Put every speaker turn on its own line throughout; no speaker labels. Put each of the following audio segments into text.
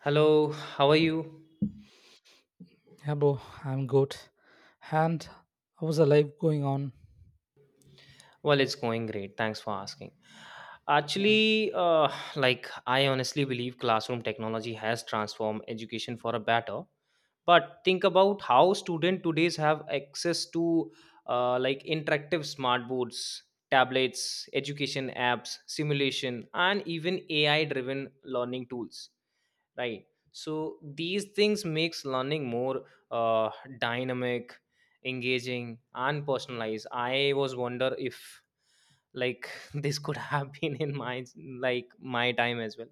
Hello, how are you?
Yeah, bro, I'm good. And how's the life going on.
Well, it's going great. Thanks for asking.
Yeah.
Actually, I honestly believe classroom technology has transformed education for a better. But think about how students today's have access to interactive smart boards, tablets, education apps, simulation, and even AI-driven learning tools. Right, so these things makes learning more uh, dynamic, engaging and personalized. I was wonder if like this could have been in my my time as well.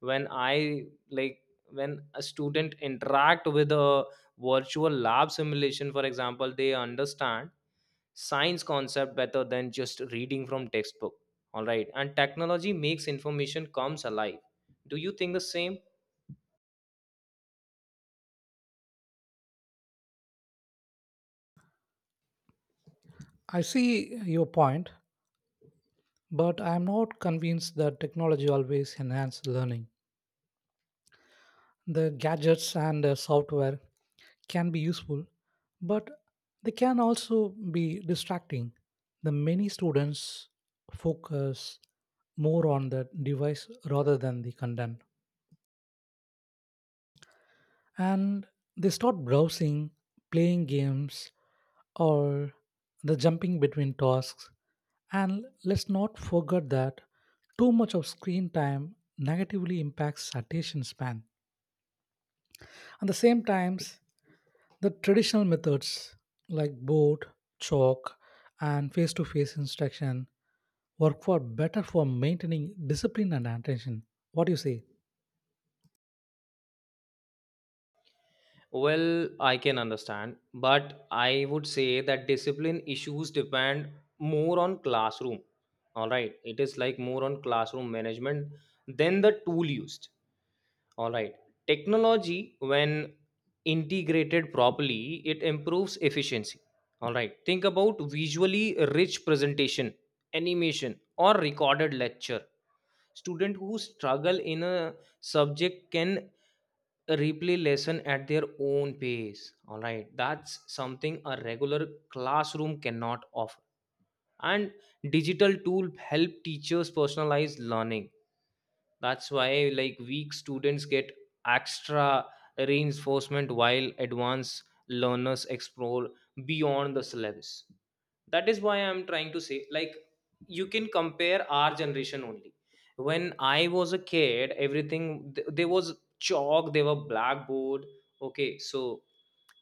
When I like when a student interact with a virtual lab simulation, for example, they understand science concept better than just reading from textbook. All right, and technology makes information comes alive. Do you think the same?
I see your point, but I'm not convinced that technology always enhances learning. The gadgets and software can be useful, but they can also be distracting. The many students focus more on the device rather than the content. And they start browsing, playing games, or the jumping between tasks. And let's not forget that too much of screen time negatively impacts attention span. At the same times, the traditional methods like board, chalk, and face to face instruction work for better for maintaining discipline and attention. What do you say?
Well, I can understand, but I would say that discipline issues depend more on classroom. All right, it is like more on classroom management than the tool used. All right, technology, when integrated properly, it improves efficiency. All right, think about visually rich presentation, animation, or recorded lecture. Student who struggle in a subject can replay lesson at their own pace. All right, that's something a regular classroom cannot offer. And digital tool help teachers personalize learning. That's why like weak students get extra reinforcement while advanced learners explore beyond the syllabus. That is why I'm trying to say, like, you can compare our generation only. When I was a kid, everything there was chalk, there were blackboard. Okay, so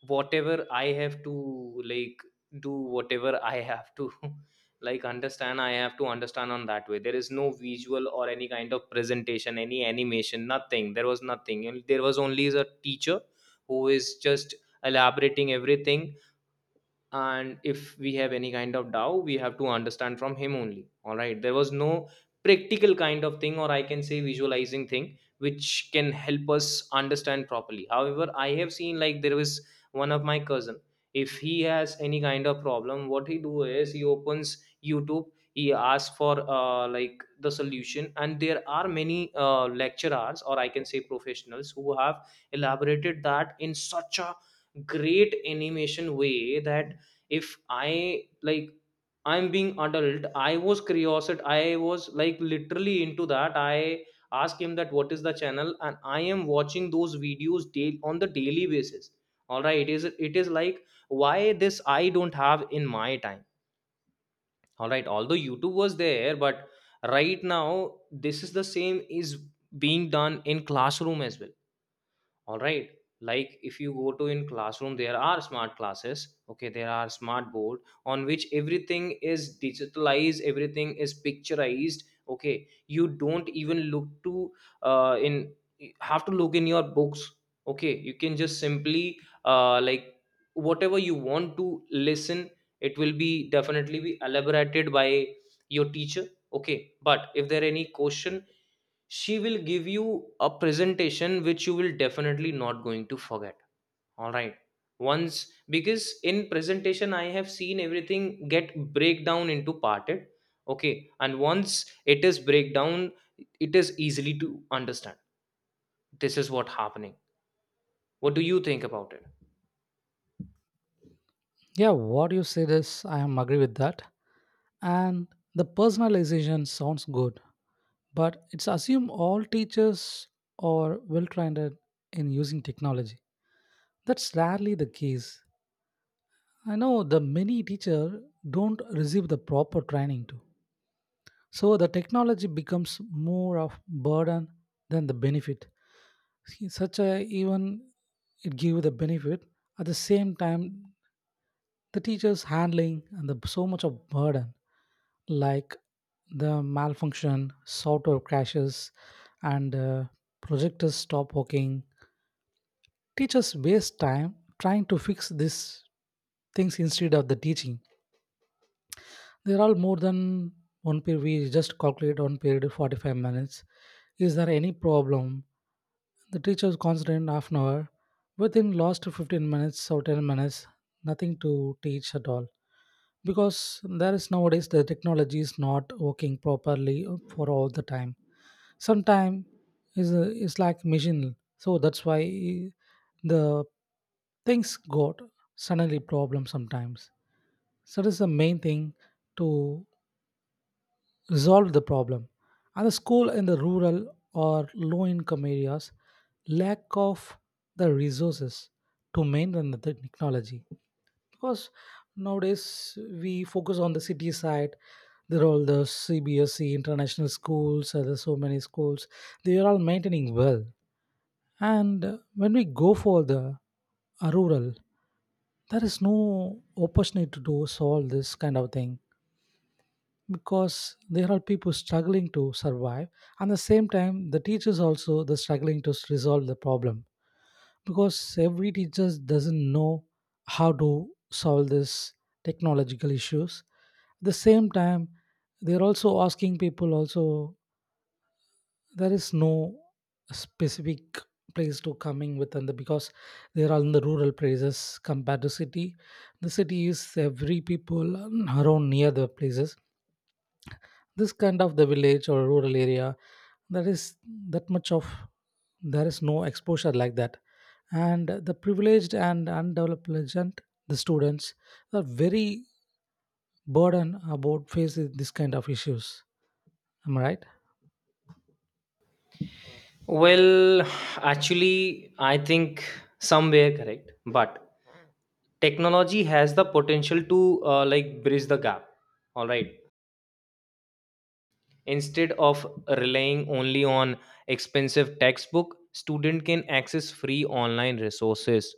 whatever I have to do, whatever I have to understand, I have to understand on that way. There is no visual or any kind of presentation, any animation, nothing. There was nothing. And there was only a teacher who is just elaborating everything. And if we have any kind of doubt, we have to understand from him only. All right, there was no practical kind of thing, or I can say visualizing thing, which can help us understand properly. However, I have seen like there was one of my cousin. If he has any kind of problem, what he do is he opens YouTube. He asks for the solution, and there are many lecturers, or I can say professionals, who have elaborated that in such a great animation way that if I'm being adult, I was curious, I was like literally into that. I asked him that what is the channel, and I am watching those videos daily on the daily basis. All right, it is like, why this I don't have in my time? All right, although YouTube was there. But right now, this is the same is being done in classroom as well. All right, like, if you go to in classroom, there are smart classes. Okay, there are smart board on which everything is digitalized, everything is picturized. Okay, you don't even look to in have to look in your books. Okay, you can just simply uh, like whatever you want to listen, it will be definitely be elaborated by your teacher. Okay, but if there any question, she will give you a presentation which you will definitely not going to forget. All right, once, because in presentation I have seen everything get break down into parted. Okay, and once it is break down, it is easily to understand. This is what happening. What do you think about it?
Yeah, what you said is I am agree with that. And the personalization sounds good, but it's assume all teachers are well trained in using technology. That's rarely the case. I know the many teacher don't receive the proper training too. So the technology becomes more of burden than the benefit. Such a even it gave the benefit, at the same time the teachers handling and the so much of burden, like the malfunction software crashes and projectors stop working, teachers waste time trying to fix these things instead of the teaching. There are more than one period. We just calculate one period 45 minutes. Is there any problem? The teacher's constant half an hour. Within last 15 minutes or 10 minutes, nothing to teach at all. Because there is nowadays the technology is not working properly for all the time. Sometime is is like machine. So that's why the things got suddenly problem sometimes. So that is the main thing to resolve the problem. And the school in the rural or low income areas lack of the resources to maintain the technology, because nowadays we focus on the city side. There are all the CBSE international schools, there's so many schools, they are all maintaining well. And when we go for the rural, there is no opportunity to do solve this kind of thing, because there are people struggling to survive. And at the same time the teachers also the struggling to resolve the problem, because every teacher doesn't know how to solve this technological issues. At the same time, they're also asking people also. There is no specific place to coming within the, because they are in the rural places compared to city. The city is every people around near the places. This kind of the village or rural area, there is that much of, there is no exposure like that. And the privileged and undeveloped legend, the students are very burdened about facing this kind of issues. Am I right?
Well, actually I think somewhere correct, but technology has the potential to bridge the gap. All right, instead of relying only on expensive textbook, student can access free online resources,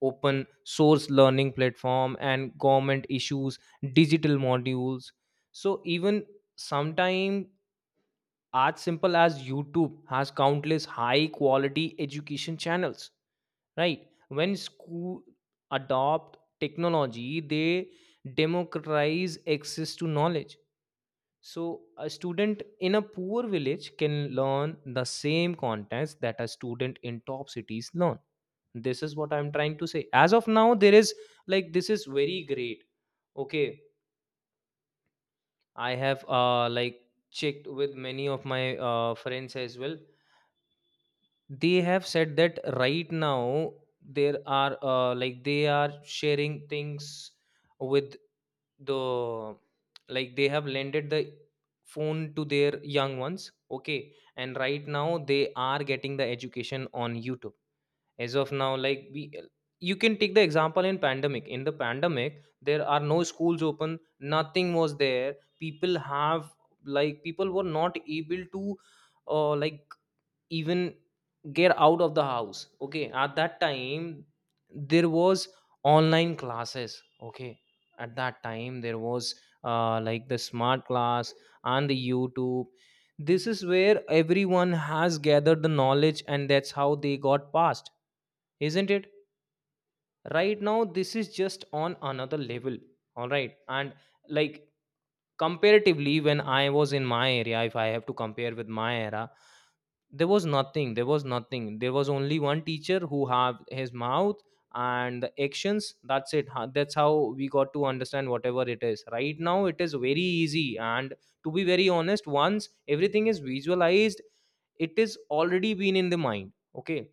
open source learning platform and government issues digital modules. So even sometime, as simple as YouTube, has countless high quality education channels. Right, when school adopt technology, they democratize access to knowledge. So a student in a poor village can learn the same contents that a student in top cities learn. This is what I'm trying to say. As of now, there is this is very great. Okay, I have checked with many of my friends as well. They have said that right now there are they are sharing things with the they have lended the phone to their young ones. Okay, and right now they are getting the education on YouTube. As of now, like we you can take the example in pandemic. In the pandemic, there are no schools open, nothing was there. People have people were not able to uh, like even get out of the house. Okay, at that time there was online classes. Okay, at that time there was the smart class and the YouTube. This is where everyone has gathered the knowledge, and that's how they got past. Isn't it? Right now this is just on another level. All right, and like comparatively, when I was in my area, if I have to compare with my era, there was nothing. There was nothing. There was only one teacher who have his mouth and the actions, that's it. That's how we got to understand whatever it is. Right now it is very easy, and to be very honest, once everything is visualized, it is already been in the mind. Okay,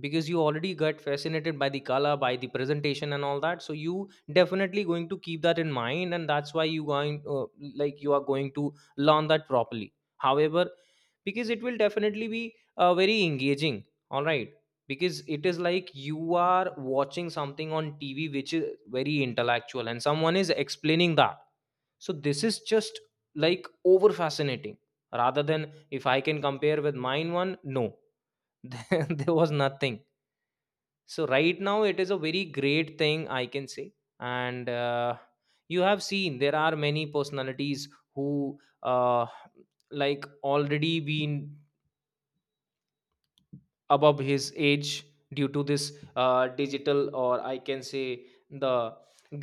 because you already got fascinated by the color, by the presentation and all that. So you definitely going to keep that in mind, and that's why you going you are going to learn that properly. However, because it will definitely be very engaging. All right, because it is like you are watching something on TV which is very intellectual and someone is explaining that. So this is just like over fascinating, rather than if I can compare with mine one. No, there was nothing. So right now, it is a very great thing, I can say. And you have seen there are many personalities who already been above his age due to this digital, or I can say the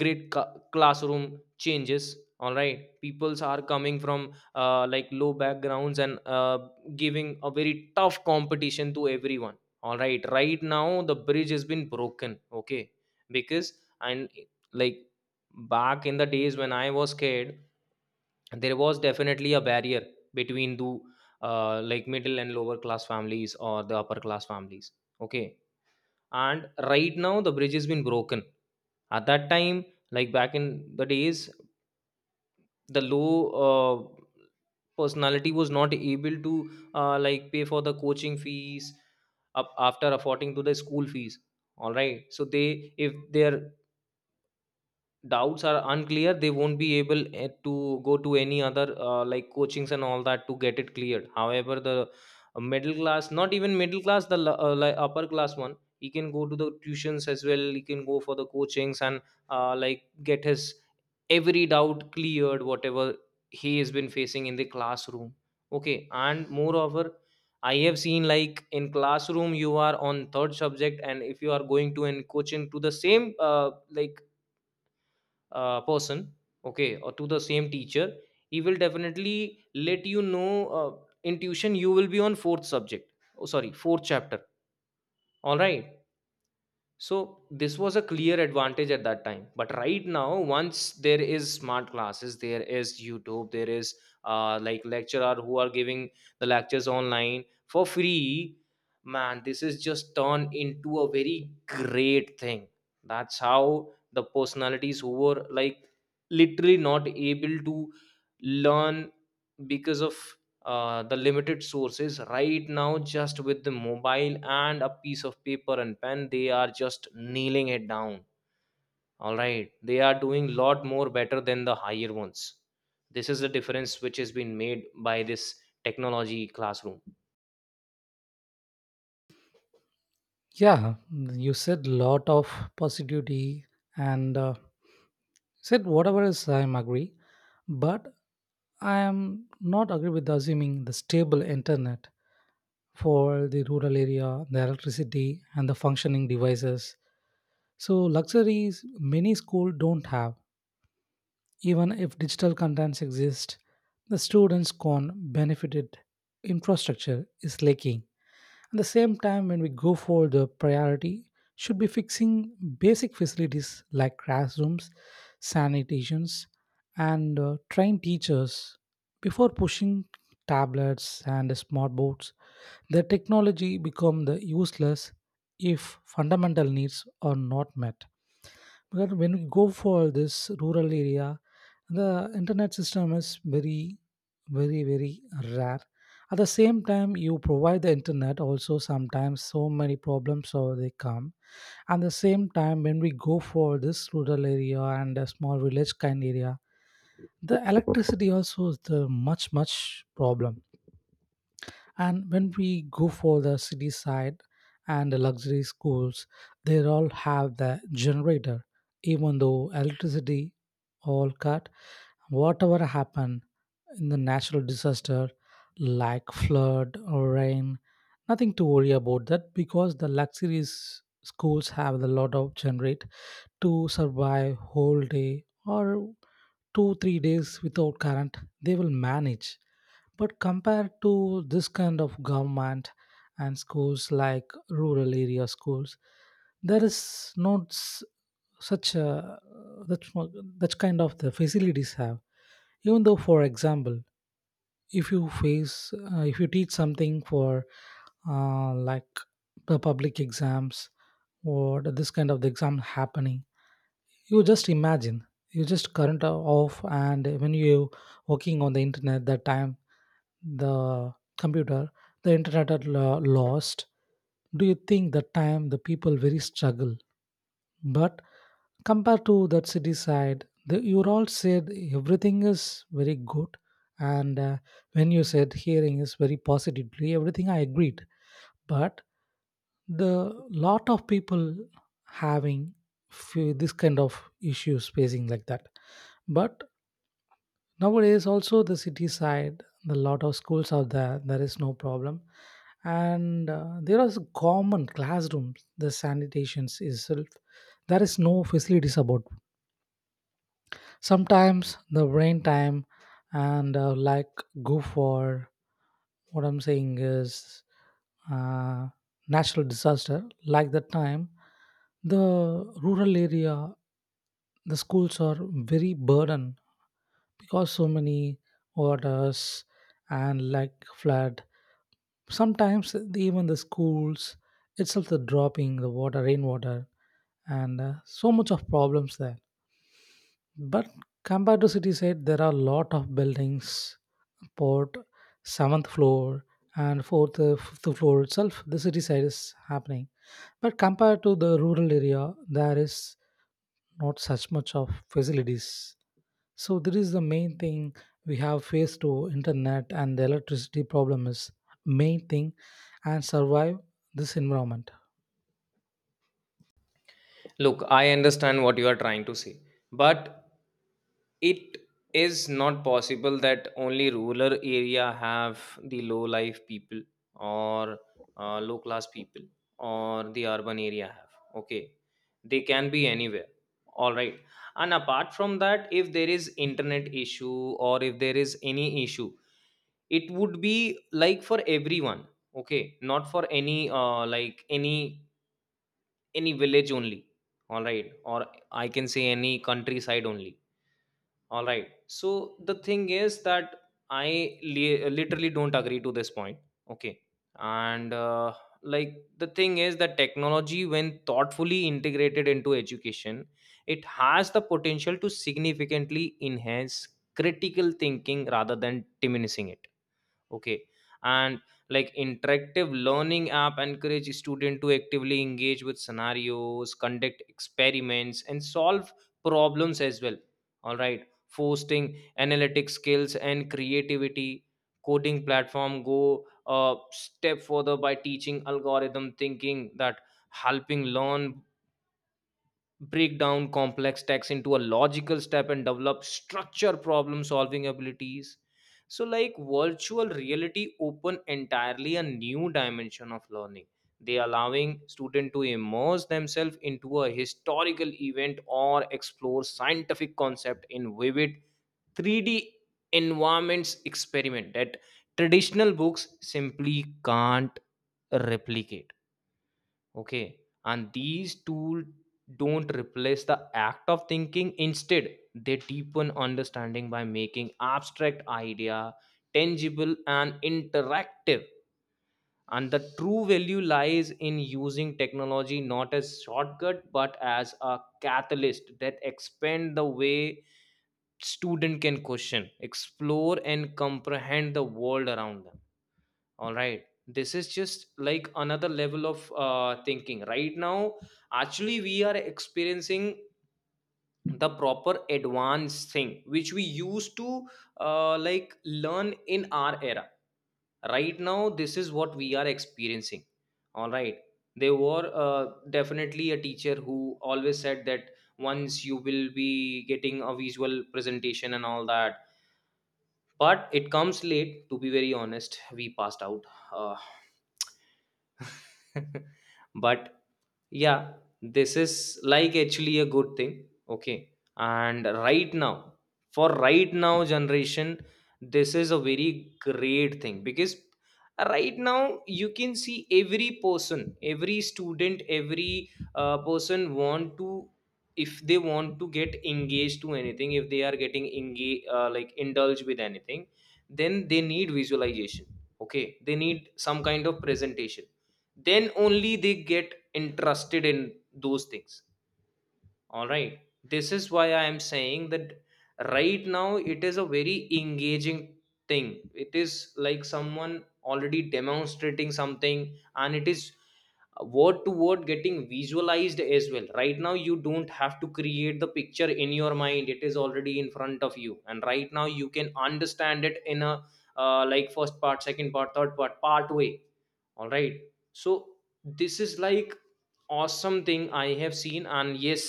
great classroom changes. All right, peoples are coming from low backgrounds and giving a very tough competition to everyone. All right, right now the bridge has been broken. Okay, because and like back in the days when I was kid, there was definitely a barrier between the middle and lower class families or the upper class families. Okay, and right now the bridge has been broken. At that time, like back in the days, the low uh, personality was not able to pay for the coaching fees up after affording to the school fees. All right, so they, if their doubts are unclear, they won't be able to go to any other coachings and all that to get it cleared. However, the middle class, not even middle class, the upper class one, he can go to the tuitions as well, he can go for the coachings and get his every doubt cleared whatever he has been facing in the classroom. Okay, and moreover, I have seen like in classroom you are on third subject, and if you are going to and coaching to the same person. Okay, or to the same teacher, he will definitely let you know, in tuition you will be on fourth subject. Oh sorry, fourth chapter. All right, so this was a clear advantage at that time. But right now, once there is smart classes, there is YouTube, there is lecturer who are giving the lectures online for free. Man, this is just turned into a very great thing. That's how the personalities who were like literally not able to learn because of the limited sources, right now, just with the mobile and a piece of paper and pen, they are just nailing it down. All right, they are doing lot more better than the higher ones. This is the difference which has been made by this technology classroom.
Yeah, you said lot of positivity, and said whatever is I am agree. But I am not agree with assuming the stable internet for the rural area, the electricity, and the functioning devices. So, luxuries many schools don't have. Even if digital contents exist, the students can't benefit it. Infrastructure is lacking. At the same time, when we go for the priority, should be fixing basic facilities like classrooms, sanitations, and trained teachers, before pushing tablets and smartboards. The technology become the useless if fundamental needs are not met. Because when we go for this rural area, the internet system is very, very, very rare. At the same time, you provide the internet also sometimes so many problems or they come. At the same time, when we go for this rural area and a small village kind area, the electricity also is the much much problem. And when we go for the city side and the luxury schools, they all have the generator, even though electricity all cut. Whatever happen in the natural disaster, like flood or rain, nothing to worry about that, because the luxury schools have a lot of generate to survive whole day or 2 3 days without current. They will manage. But compared to this kind of government and schools like rural area schools, there is not such a that that kind of the facilities have. Even though, for example, if you face if you teach something for like the public exams or this kind of the exam happening, you just imagine you just current off, and when you working on the internet that time, the computer, the internet are lost. Do you think the time the people very struggle? But compared to that city side, the, you all said everything is very good, and when you said hearing is very positively, everything I agreed. But the lot of people having few, this kind of issues facing like that. But nowadays, also the city side, the lot of schools are there. There is no problem, and there are common classrooms. The sanitations itself, there is no facilities about sometimes the brain time and like go for, what I'm saying is, uh, natural disaster like that time, the rural area, the schools are very burden, because so many orders and like flood, sometimes even the schools itself the dropping the water rainwater, and so much of problems there. But compared to city side, there are a lot of buildings, port, seventh floor, and fourth, fifth floor itself. The city side is happening, but compared to the rural area, there is not such much of facilities. So this is the main thing we have faced to internet and the electricity problem is main thing, and survive this environment.
Look, I understand what you are trying to say, but it is not possible that only rural area have the low life people or low class people or the urban area have. Okay, they can be anywhere. All right, and apart from that, if there is internet issue or if there is any issue, it would be like for everyone. Okay, not for any any village only. All right, or I can say any countryside only. All right, so the thing is that I literally don't agree to this point. Okay, and the thing is that technology, when thoughtfully integrated into education, it has the potential to significantly enhance critical thinking rather than diminishing it. Okay, and like interactive learning app encourage student to actively engage with scenarios, conduct experiments and solve problems as well. All right, fostering analytic skills and creativity. Coding platform go a step further by teaching algorithm thinking that helping learn break down complex text into a logical step And develop structure problem solving abilities. So like virtual reality open entirely a new dimension of learning, they allowing student to immerse themselves into a historical event or explore scientific concept in vivid 3D environments experiment that traditional books simply can't replicate. Okay. And these tools don't replace the act of thinking. Instead, they deepen understanding by making abstract idea tangible and interactive. And the true value lies in using technology not as shortcut but as a catalyst that expand the way student can question, explore and comprehend the world around them. All right, this is just like another level of thinking right now. Actually we are experiencing the proper advanced thing which we used to like learn in our era. Right now this is what we are experiencing. All right, there were definitely a teacher who always said that once you will be getting a visual presentation and all that, but it comes late. To be very honest, we passed out uh, but yeah, this is like actually a good thing. Okay, and right now, for right now generation, this is a very great thing because right now you can see every person, every student, every person want to, if they want to get engaged to anything, if they are getting engaged like indulged with anything, then they need visualization. Okay, they need some kind of presentation, then only they get interested in those things. All right, this is why I am saying that right now it is a very engaging thing. It is like someone already demonstrating something and it is word to word getting visualized as well. Right now you don't have to create the picture in your mind, it is already in front of you, and right now you can understand it in a like first part, second part, third part part way. All right, so this is like awesome thing I have seen, and yes,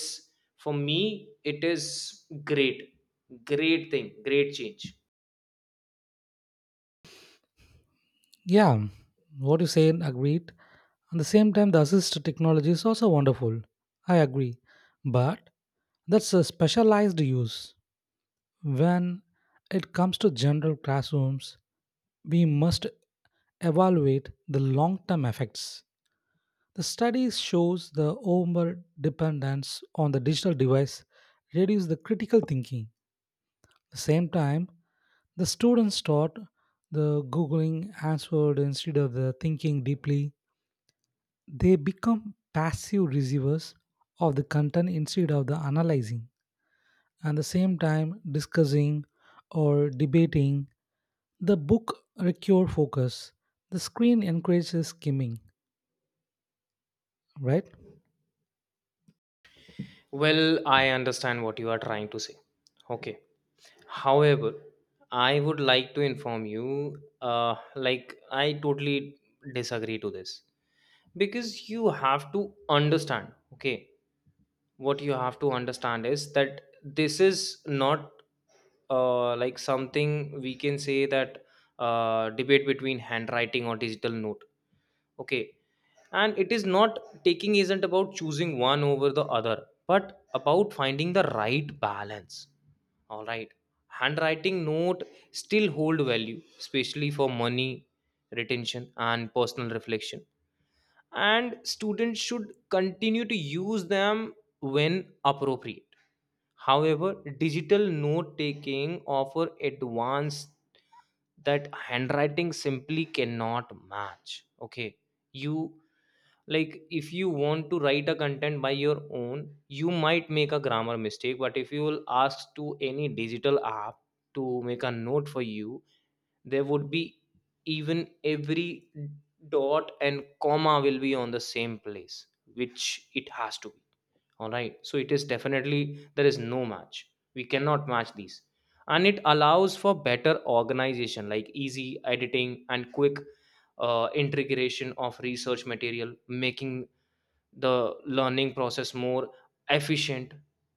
for me it is great, great thing, great change.
Yeah, what you said agreed. At the same time, the assist technology is also wonderful. I agree. But that's a specialized use. When it comes to general classrooms, we must evaluate the long-term effects. The study shows the over dependence on the digital device reduces the critical thinking. At the same time, the students taught the googling answered instead of the thinking deeply. They become passive receivers of the content instead of the analyzing. At the same time, discussing or debating the book require focus. The screen encourages skimming, right?
Well, I understand what you are trying to say. Okay, however, I would like to inform you, uh like I totally disagree to this, because you have to understand, okay? What you have to understand is that this is not like something we can say that debate between handwriting or digital note. Okay, and it is not taking, isn't about choosing one over the other but about finding the right balance. All right, handwriting note still hold value especially for money retention and personal reflection, and students should continue to use them when appropriate. However, digital note taking offer advanced that handwriting simply cannot match. Okay, you, like if you want to write a content by your own, you might make a grammar mistake, but if you will ask to any digital app to make a note for you, there would be even every dot and comma will be on the same place, which it has to be. All right, so it is definitely, there is no match, we cannot match these. And it allows for better organization like easy editing and quick integration of research material, making the learning process more efficient.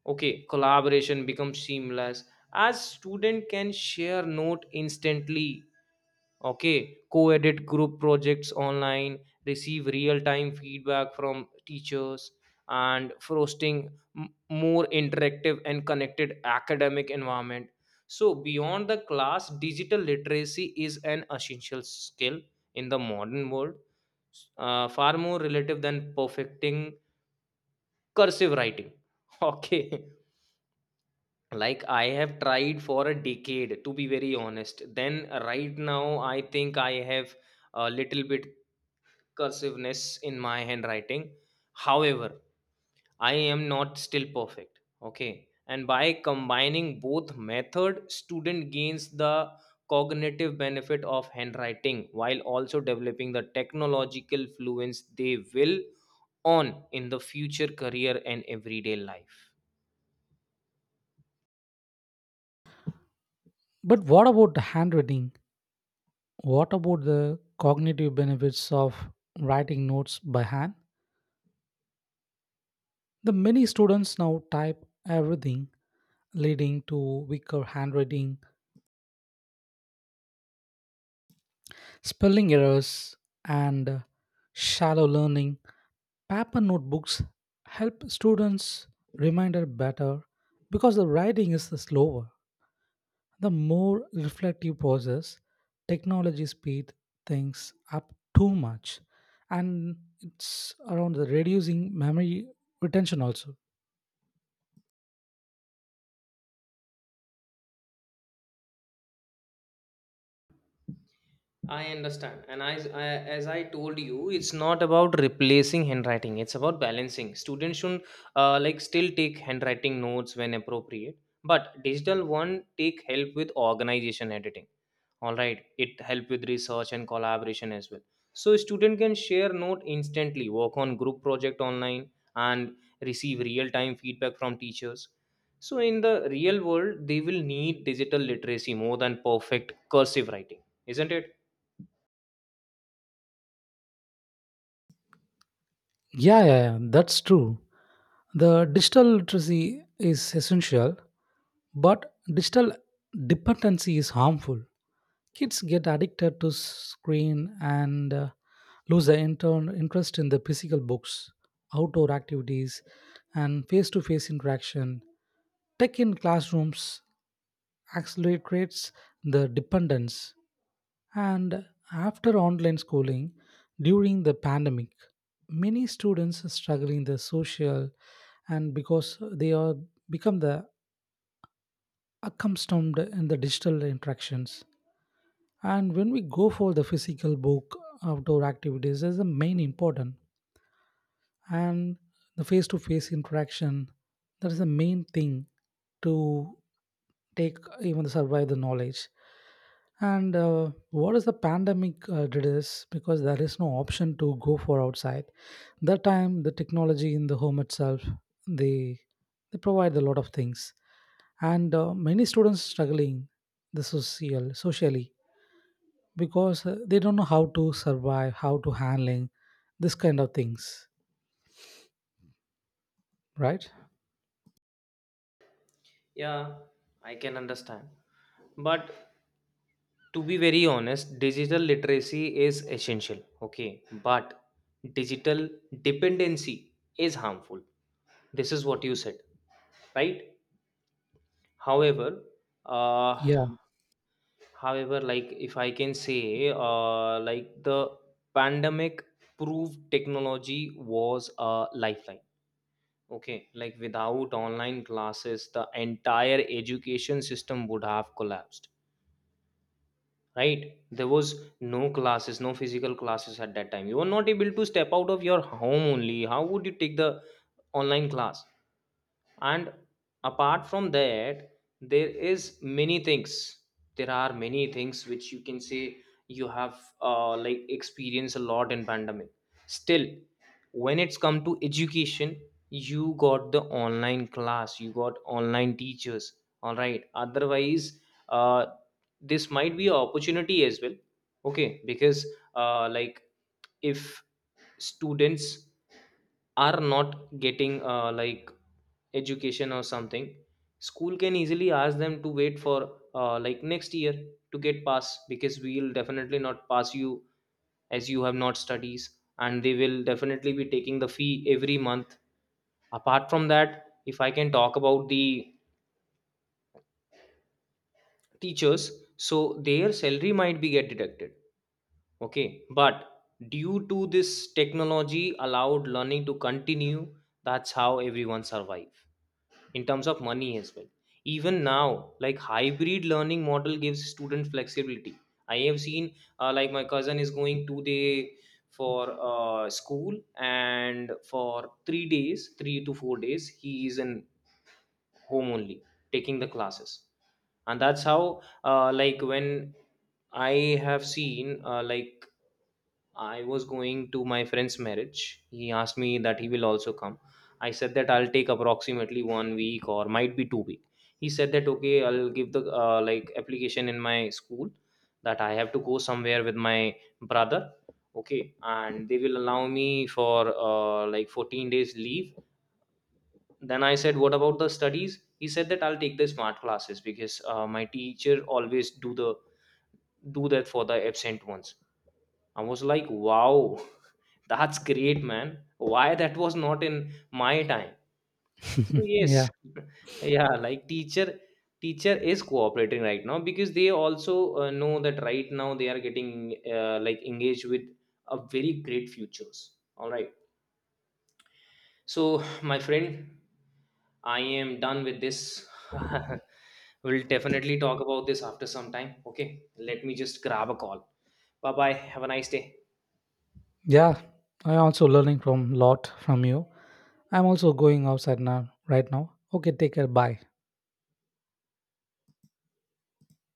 Okay, collaboration becomes seamless as student can share note instantly, okay, co-edit group projects online, receive real-time feedback from teachers, and fostering more interactive and connected academic environment. So beyond the class, digital literacy is an essential skill in the modern world, far more relative than perfecting cursive writing. Okay, like I have tried for a decade to be very honest, then right now I think I have a little bit cursiveness in my handwriting. However, I am not still perfect. Okay, and by combining both method, student gains the cognitive benefit of handwriting while also developing the technological fluence they will on in the future career and everyday life.
But what about the handwriting? What about the cognitive benefits of writing notes by hand? The many students now type everything, leading to weaker handwriting, spelling errors, and shallow learning. Paper notebooks help students remember better because the writing is slower. The more reflective process, technology speed things up too much, and it's around the reducing memory retention also.
I understand. And as I told you, it's not about replacing handwriting. It's about balancing. Students should like still take handwriting notes when appropriate, but digital one take help with organization editing. All right, it help with research and collaboration as well. So student can share note instantly, work on group project online, and receive real time feedback from teachers. So in the real world, they will need digital literacy more than perfect cursive writing, isn't it?
Yeah, yeah, yeah, that's true. The digital literacy is essential, but digital dependency is harmful. Kids get addicted to screen and lose their intern interest in the physical books, outdoor activities, and face-to-face interaction. Tech in classrooms accelerates the dependence. And after online schooling, during the pandemic, many students are struggling the social, and because they are become the accustomed in the digital interactions. And when we go for the physical book, outdoor activities is the main important, and the face-to-face interaction, that is the main thing to take even survive the knowledge. And what is the pandemic did is because there is no option to go for outside. That time the technology in the home itself, they they provide a lot of things. And many students struggling the social socially, because they don't know how to survive, how to handling this kind of things, right?
Yeah, I can understand. But to be very honest, digital literacy is essential, okay? But digital dependency is harmful. This is what you said, right? However, uh,
Yeah,
like if I can say, like the pandemic proved technology was a lifeline. Okay, like without online classes, the entire education system would have collapsed, right? There was no classes, no physical classes at that time, you were not able to step out of your home only, how would you take the online class? And apart from that, there is many things there are many things which you can say you have like experienced a lot in pandemic. Still, when it's come to education, you got the online class, you got online teachers. All right, otherwise, uh, this might be an opportunity as well. Okay, because like if students are not getting like education or something, school can easily ask them to wait for like next year to get pass, because we'll definitely not pass you as you have not studies, and they will definitely be taking the fee every month. Apart from that, if I can talk about the teachers, so their salary might be get deducted. Okay, but due to this, technology allowed learning to continue. That's how everyone survives in terms of money as well. Even now like hybrid learning model gives student flexibility. I have seen, like my cousin is going 2 day for school, and for 3 to 4 days he is in home only taking the classes. And that's how like when I have seen, like I was going to my friend's marriage, he asked me that he will also come. I said that I'll take approximately 1 week or might be 2 week. He said that okay, I'll give the like application in my school that I have to go somewhere with my brother. Okay, and they will allow me for like 14 days leave. Then I said what about the studies? He said that I'll take the smart classes because my teacher always do that for the absent ones. I was like wow, that's great man, why that was not in my time? So yes.
yeah,
Yeah, like teacher is cooperating right now because they also know that right now they are getting like engaged with a very great futures. All right, so my friend, I am done with this. We'll definitely talk about this after some time. Okay, let me just grab a call. Bye bye. Have a nice day.
yeah, I also learning from lot from you. I'm also going outside now right now. Okay, take care, bye.